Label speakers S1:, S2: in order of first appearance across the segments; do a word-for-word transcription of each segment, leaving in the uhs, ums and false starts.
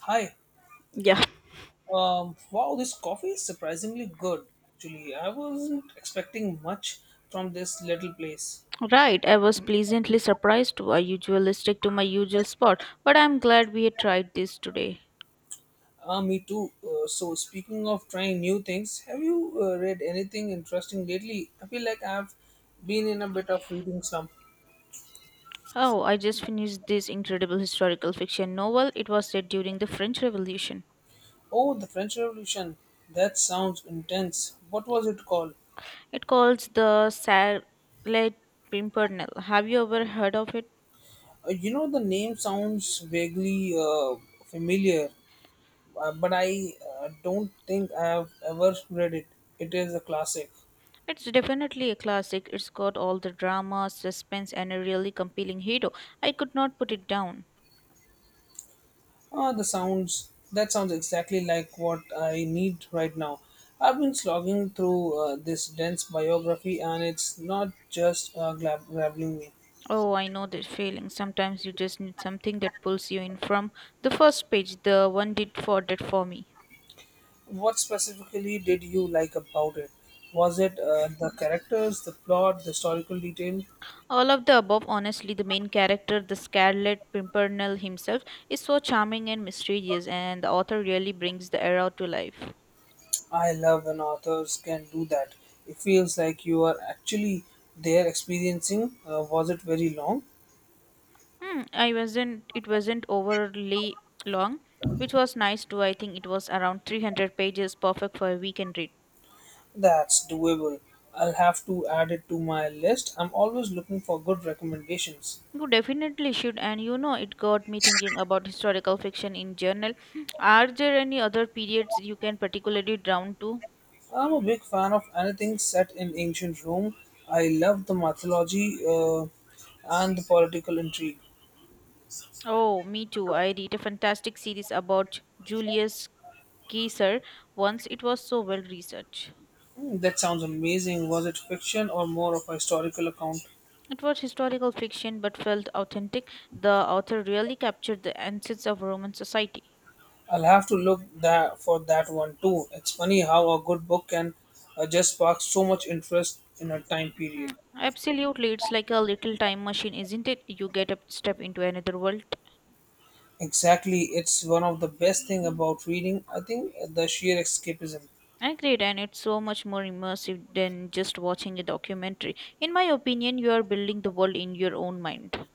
S1: Hi.
S2: Yeah,
S1: Um, wow, this coffee is surprisingly good. Actually, I wasn't expecting much from this little place.
S2: right. I was pleasantly surprised too. I usually stick to my usual spot, but I'm glad we had tried this today.
S1: Ah, me too. Uh, so, speaking of trying new things, have you uh, read anything interesting lately? I feel like I've been in a bit of reading slump.
S2: Oh, I just finished this incredible historical fiction novel. It was set during the French Revolution.
S1: Oh, the French Revolution. That sounds intense. What was it called?
S2: It calls the Scarlet Pimpernel. Have you ever heard of it?
S1: Uh, you know, the name sounds vaguely uh, familiar, uh, but I uh, don't think I have ever read it. It is a classic.
S2: It's definitely a classic. It's got all the drama, suspense, and a really compelling hero. I could not put it down.
S1: Ah, the sounds. That sounds exactly like what I need right now. I've been slogging through uh, this dense biography, and it's not just uh, gla- grabbing me.
S2: Oh, I know that feeling. Sometimes you just need something that pulls you in from the first page. The one did for that for me.
S1: What specifically did you like about it? Was it uh, the characters, the plot, the historical detail?
S2: All of the above, honestly, the main character, the Scarlet Pimpernel himself, is so charming and mysterious, and the author really brings the era to life.
S1: I love when authors can do that. It feels like you are actually there experiencing. Uh, was it very long?
S2: Hmm, I wasn't. It wasn't overly long, which was nice too. I think it was around three hundred pages, perfect for a weekend read.
S1: That's doable. I'll have to add it to my list. I'm always looking for good recommendations.
S2: You definitely should, and you know, it got me thinking about historical fiction in general. Are there any other periods you can particularly drawn to?
S1: I'm a big fan of anything set in ancient Rome. I love the mythology uh, and the political intrigue.
S2: Oh, me too. I read a fantastic series about Julius Caesar once. It was so well researched.
S1: Hmm, that sounds amazing. Was it fiction or more of a historical account?
S2: It was historical fiction but felt authentic. The author really captured the essence of Roman society.
S1: I'll have to look that for that one too. It's funny how a good book can uh, just spark so much interest in a time period.
S2: Mm, absolutely, it's like a little time machine, isn't it? You get a step into another world.
S1: Exactly, it's one of the best thing about reading. I think the sheer escapism.
S2: I agreed, and it's so much more immersive than just watching a documentary. In my opinion, you are building the world in your own mind.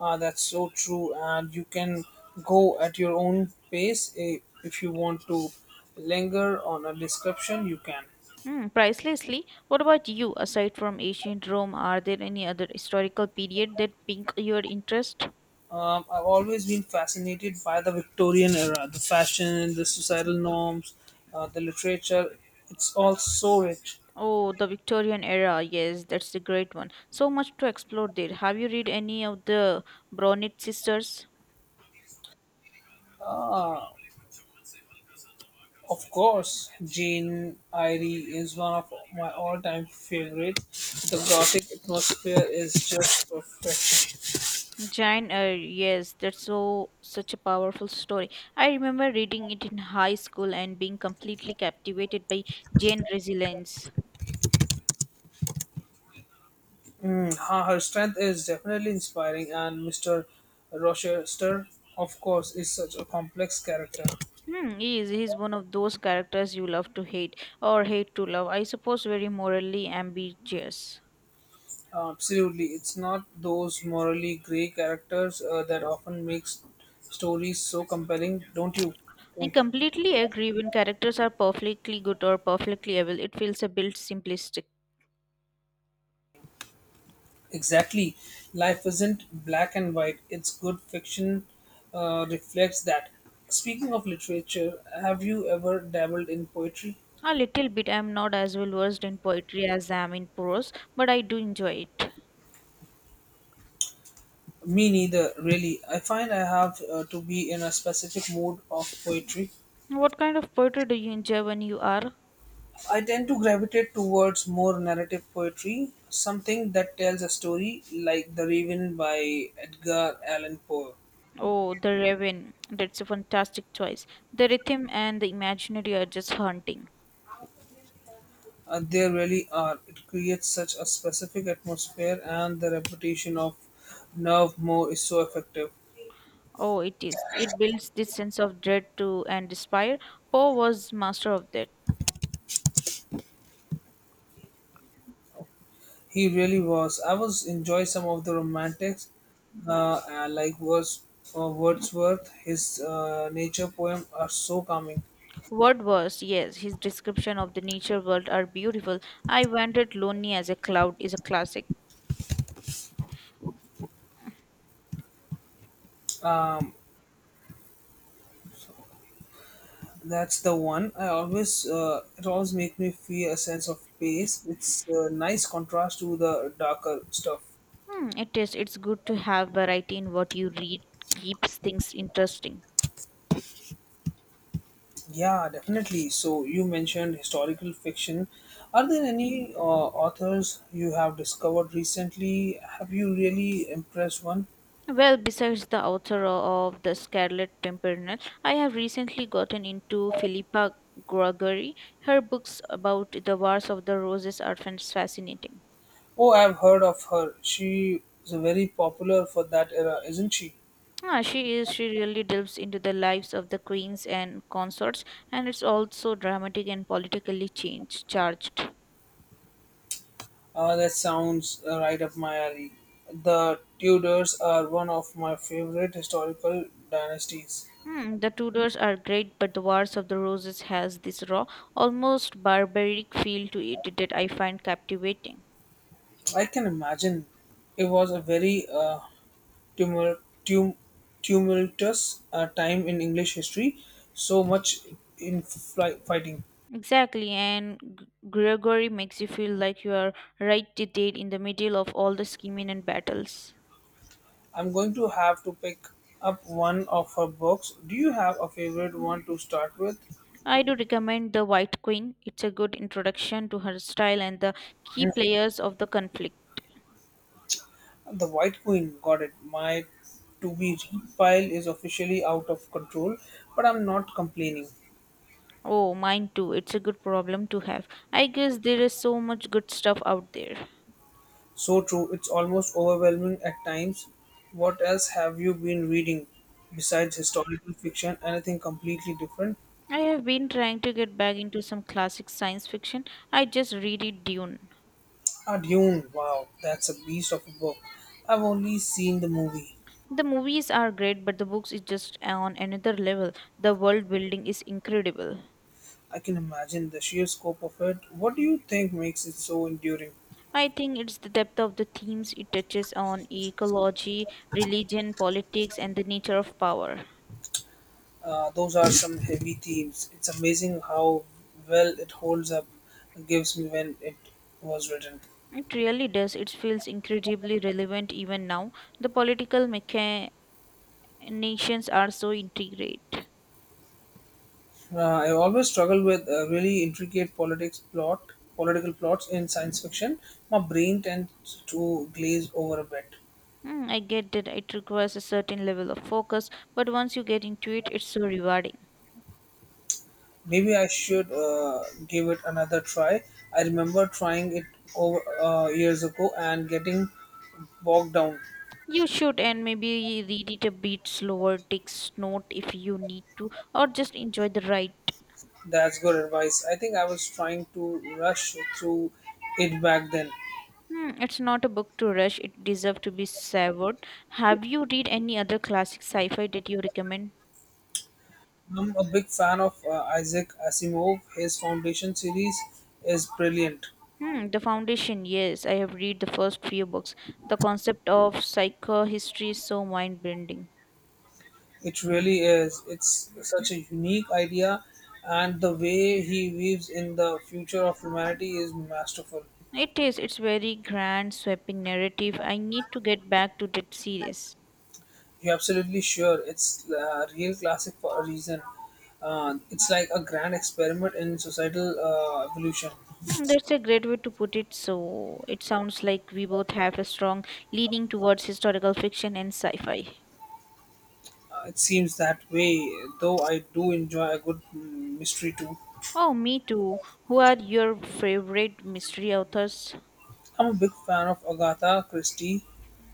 S1: Ah, that's so true. And you can go at your own pace. Eh, If you want to linger on a description, you can.
S2: Hmm, pricelessly, what about you? Aside from ancient Rome, are there any other historical period that pique your interest?
S1: Um, I've always been fascinated by the Victorian era, the fashion, the societal norms, uh, the literature. It's all so rich.
S2: Oh, the Victorian era. Yes, that's a great one. So much to explore there. Have you read any of the Bronte sisters?
S1: Ah, of course, Jane Eyre is one of my all-time favorites. The Gothic atmosphere is just perfect.
S2: Jane Eyre, yes, that's so such a powerful story. I remember reading it in high school and being completely captivated by Jane's resilience.
S1: Hmm. Her, her strength is definitely inspiring, and Mister Rochester, of course, is such a complex character.
S2: Hmm, he is he's one of those characters you love to hate or hate to love. I suppose very morally ambiguous.
S1: Uh, absolutely, it's not those morally grey characters uh, that often makes stories so compelling, don't you
S2: I
S1: think?
S2: completely agree when characters are perfectly good or perfectly evil, it feels a bit simplistic.
S1: Exactly. Life isn't black and white. It's good fiction uh, reflects that. Speaking of literature, have you ever dabbled in poetry?
S2: A little bit. I'm not as well versed in poetry as I am in prose, but I do enjoy it.
S1: Me neither, really. I find I have uh, to be in a specific mood of poetry.
S2: What kind of poetry do you enjoy when you are?
S1: I tend to gravitate towards more narrative poetry, something that tells a story, like The Raven by Edgar Allan Poe.
S2: Oh, the raven. That's a fantastic choice. The rhythm and the imaginary are just haunting.
S1: Uh, there really are. It creates such a specific atmosphere, and the reputation of Nerve Moore is so effective.
S2: Oh, it is. It builds this sense of dread to and despair. Poe was master of that.
S1: He really was. I was enjoy some of the romantics, uh, uh, like Words, uh, Wordsworth. His uh, nature poem are so calming.
S2: What was, yes, his description of the nature world are beautiful. I wandered lonely as a cloud is a classic.
S1: Um, that's the one. I always uh, it always make me feel a sense of peace. It's a nice contrast to the darker stuff.
S2: Hmm, it is. It's good to have variety in what you read. Keeps things interesting.
S1: Yeah, definitely. So you mentioned historical fiction. Are there any uh, authors you have discovered recently? Have you really impressed one?
S2: Well, besides the author of The Scarlet Pimpernel, I have recently gotten into Philippa Gregory. Her books about the Wars of the Roses are fan- fascinating.
S1: Oh, I've heard of her. She is very popular for that era, isn't she?
S2: Ah, she is she really delves into the lives of the queens and consorts, and it's also dramatic and politically change, charged.
S1: Uh, that sounds uh, right up my alley. The Tudors are one of my favorite historical dynasties.
S2: Hmm, the Tudors are great, but the Wars of the Roses has this raw, almost barbaric feel to it that I find captivating.
S1: I can imagine it was a very uh, tumul- tum- tumultuous uh, time in English history, so much in fly- fighting.
S2: Exactly, and G- Gregory makes you feel like you are right there in the middle of all the scheming and battles.
S1: I'm going to have to pick up one of her books. Do you have a favorite one to start with?
S2: I do recommend The White Queen. It's a good introduction to her style and the key players of the conflict.
S1: The White Queen got it. My to be read pile is officially out of control, but I'm not complaining.
S2: Oh, mine too. It's a good problem to have. I guess there is so much good stuff out there.
S1: So true, it's almost overwhelming at times. What else have you been reading besides historical fiction? Anything completely different?
S2: I have been trying to get back into some classic science fiction. I just read it Dune.
S1: Ah, Dune. Wow, that's a beast of a book. I've only seen the movie.
S2: The movies are great, but the books is just on another level. The world building is incredible.
S1: I can imagine the sheer scope of it. What do you think makes it so enduring?
S2: I think it's the depth of the themes it touches on ecology, religion, politics, and the nature of power.
S1: Uh, those are some heavy themes. It's amazing how well it holds up, gives me when it was written.
S2: It really does. It feels incredibly relevant even now. The political machinations are so intricate.
S1: Uh, I always struggle with uh, really intricate politics plot, political plots in science fiction. My brain tends to glaze over a bit.
S2: Mm, I get that it requires a certain level of focus, but once you get into it, it's so rewarding.
S1: Maybe I should uh, give it another try. I remember trying it over uh, years ago and getting bogged down.
S2: You should, and maybe read it a bit slower, take note if you need to, or just enjoy the ride.
S1: That's good advice. I think I was trying to rush through it back then.
S2: Hmm, it's not a book to rush. It deserves to be savored. Have you read any other classic sci-fi that you recommend?
S1: I'm a big fan of uh, Isaac Asimov. His Foundation series is brilliant.
S2: Hmm, The Foundation. Yes, I have read the first few books. The concept of psychohistory is so mind-bending.
S1: It really is. It's such a unique idea, and the way he weaves in the future of humanity is masterful.
S2: It is. It's very grand, sweeping narrative. I need to get back to that series.
S1: You're absolutely sure it's a real classic for a reason. Uh, it's like a grand experiment in societal uh, evolution.
S2: Hmm, that's a great way to put it. So it sounds like we both have a strong leaning towards historical fiction and sci-fi.
S1: Uh, it seems that way, though I do enjoy a good mm, mystery too.
S2: Oh, me too. Who are your favorite mystery authors?
S1: I'm a big fan of Agatha Christie.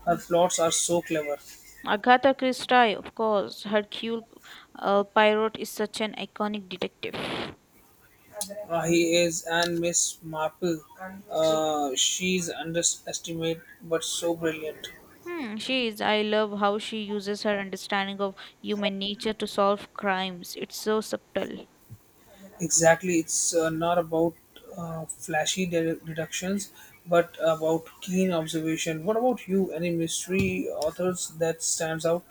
S1: Her plots are so clever.
S2: Agatha Christie, of course. Hercule uh, Poirot is such an iconic detective.
S1: Uh, he is and Miss Marple. Uh, she's underestimated but so brilliant.
S2: Hmm, she is. I love how she uses her understanding of human nature to solve crimes. It's so subtle.
S1: Exactly, it's uh, not about uh, flashy de- deductions, but about keen observation. What about you? Any mystery authors that stands out?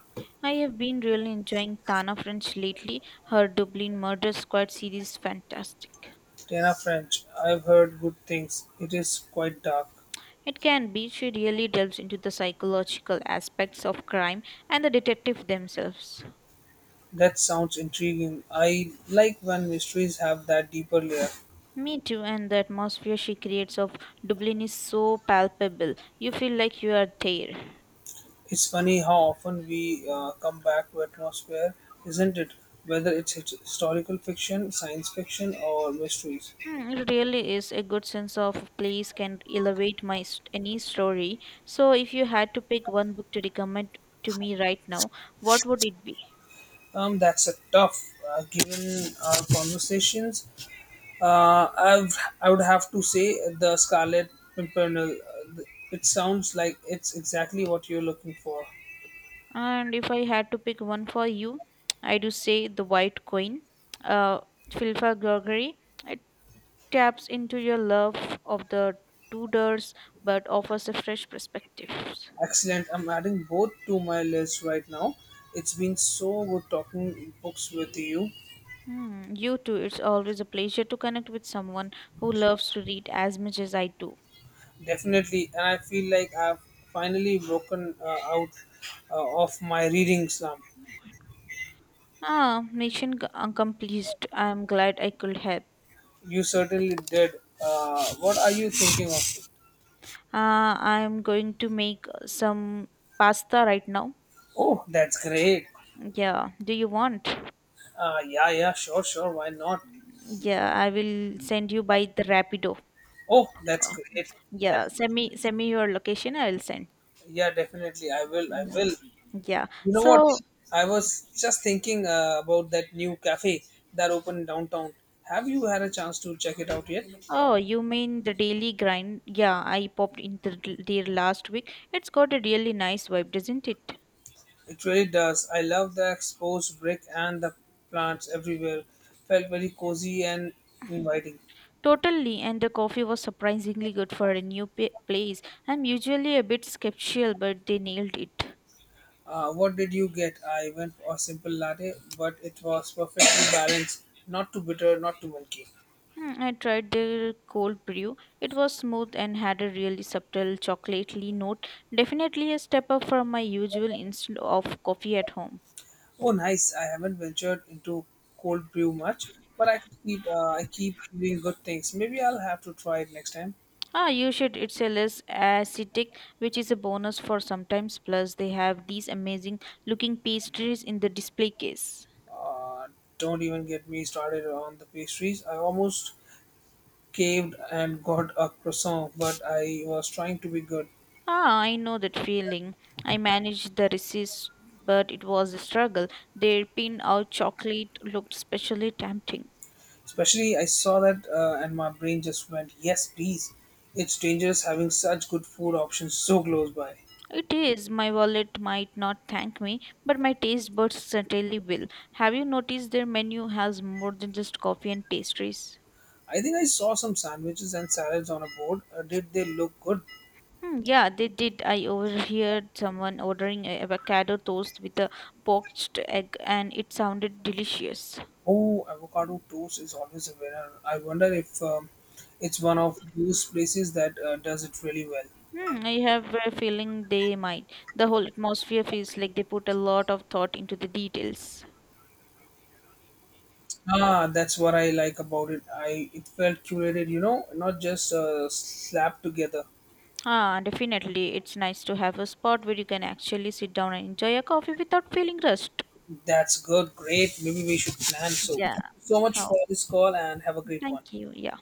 S2: I have been really enjoying Tana French lately. Her Dublin Murder Squad series is fantastic.
S1: Tana French. I've heard good things. It is quite dark.
S2: It can be she really delves into the psychological aspects of crime and the detective themselves.
S1: That sounds intriguing. I like when mysteries have that deeper layer.
S2: Me too, and the atmosphere she creates of Dublin is so palpable. You feel like you are there.
S1: It's funny how often we uh, come back to atmosphere, isn't it? Whether it's his- historical fiction, science fiction, or mysteries.
S2: Mm, it really is a good sense of place can elevate my st- any story. So, if you had to pick one book to recommend to me right now, what would it be?
S1: Um, that's a tough. Uh, given our conversations, uh, I've, I would have to say the Scarlet Pimpernel. Uh, th- it sounds like it's exactly what you're looking for.
S2: And if I had to pick one for you, I do say The White Queen, uh, Philippa Gregory. It taps into your love of the Tudors, but offers a fresh perspective.
S1: Excellent. I'm adding both to my list right now. It's been so good talking books with you.
S2: Hmm, you too. It's always a pleasure to connect with someone who loves to read as much as I do.
S1: Definitely, and I feel like I've finally broken uh, out uh, of my reading slump.
S2: Ah, mission c- accomplished. I'm glad I could help.
S1: You certainly did. Uh, what are you thinking of?
S2: Ah, I'm going to make some pasta right now.
S1: Oh, that's great.
S2: Yeah, do you want?
S1: Uh, yeah, yeah, sure, sure. Why not?
S2: Yeah, I will send you by the Rapido.
S1: Oh, that's
S2: Uh,
S1: great. That,
S2: Yeah, send me send me your location. I will send.
S1: yeah, definitely. I will. I
S2: Mm,
S1: will.
S2: yeah.
S1: You know what?
S2: So,
S1: I was just thinking uh, about that new cafe that opened downtown. Have you had a chance to check it out yet?
S2: oh, you mean the daily grind? Yeah, I popped into there last week. It's got a really nice vibe, doesn't it?
S1: It really does. I love the exposed brick and the plants everywhere. Felt very cozy and inviting.
S2: Totally, and the coffee was surprisingly good for a new pa- place. I'm usually a bit skeptical, but they nailed it.
S1: Uh, what did you get? I went for a simple latte, but it was perfectly balanced. Not too bitter, not too milky.
S2: Hmm, I tried their cold brew. It was smooth and had a really subtle chocolatey note. Definitely a step up from my usual instant of coffee at home.
S1: Oh, nice. I haven't ventured into cold brew much, but I keep uh, I keep hearing good things. Maybe I'll have to try it next time.
S2: Ah, you should. It's a less acidic, which is a bonus for sometimes. Plus, they have these amazing looking pastries in the display case.
S1: Uh, don't even get me started on the pastries. I almost caved and got a croissant, but I was trying to be good.
S2: Ah, I know that feeling. I managed the resist, but it was a struggle. Their pin out chocolate looked especially tempting.
S1: Especially, I saw that uh, and my brain just went, yes, please. It's dangerous having such good food options so close by.
S2: It is. My wallet might not thank me, but my taste buds certainly will. Have you noticed their menu has more than just coffee and pastries?
S1: I think I saw some sandwiches and salads on a board. Uh, did they look good?
S2: Hmm, yeah, they did. I overheard someone ordering a avocado toast with a poached egg, and it sounded delicious.
S1: Oh, avocado toast is always a winner. I wonder if um, it's one of those places that uh, does it really well.
S2: Hmm, I have a feeling they might. The whole atmosphere feels like they put a lot of thought into the details.
S1: Ah, that's what I like about it. I it felt curated, you know, not just uh, slapped together.
S2: Ah, definitely. It's nice to have a spot where you can actually sit down and enjoy a coffee without feeling rushed.
S1: That's good, great. Maybe we should plan. So,
S2: Yeah.
S1: so much
S2: Oh,
S1: for this call and have a great one.
S2: thank you. Yeah.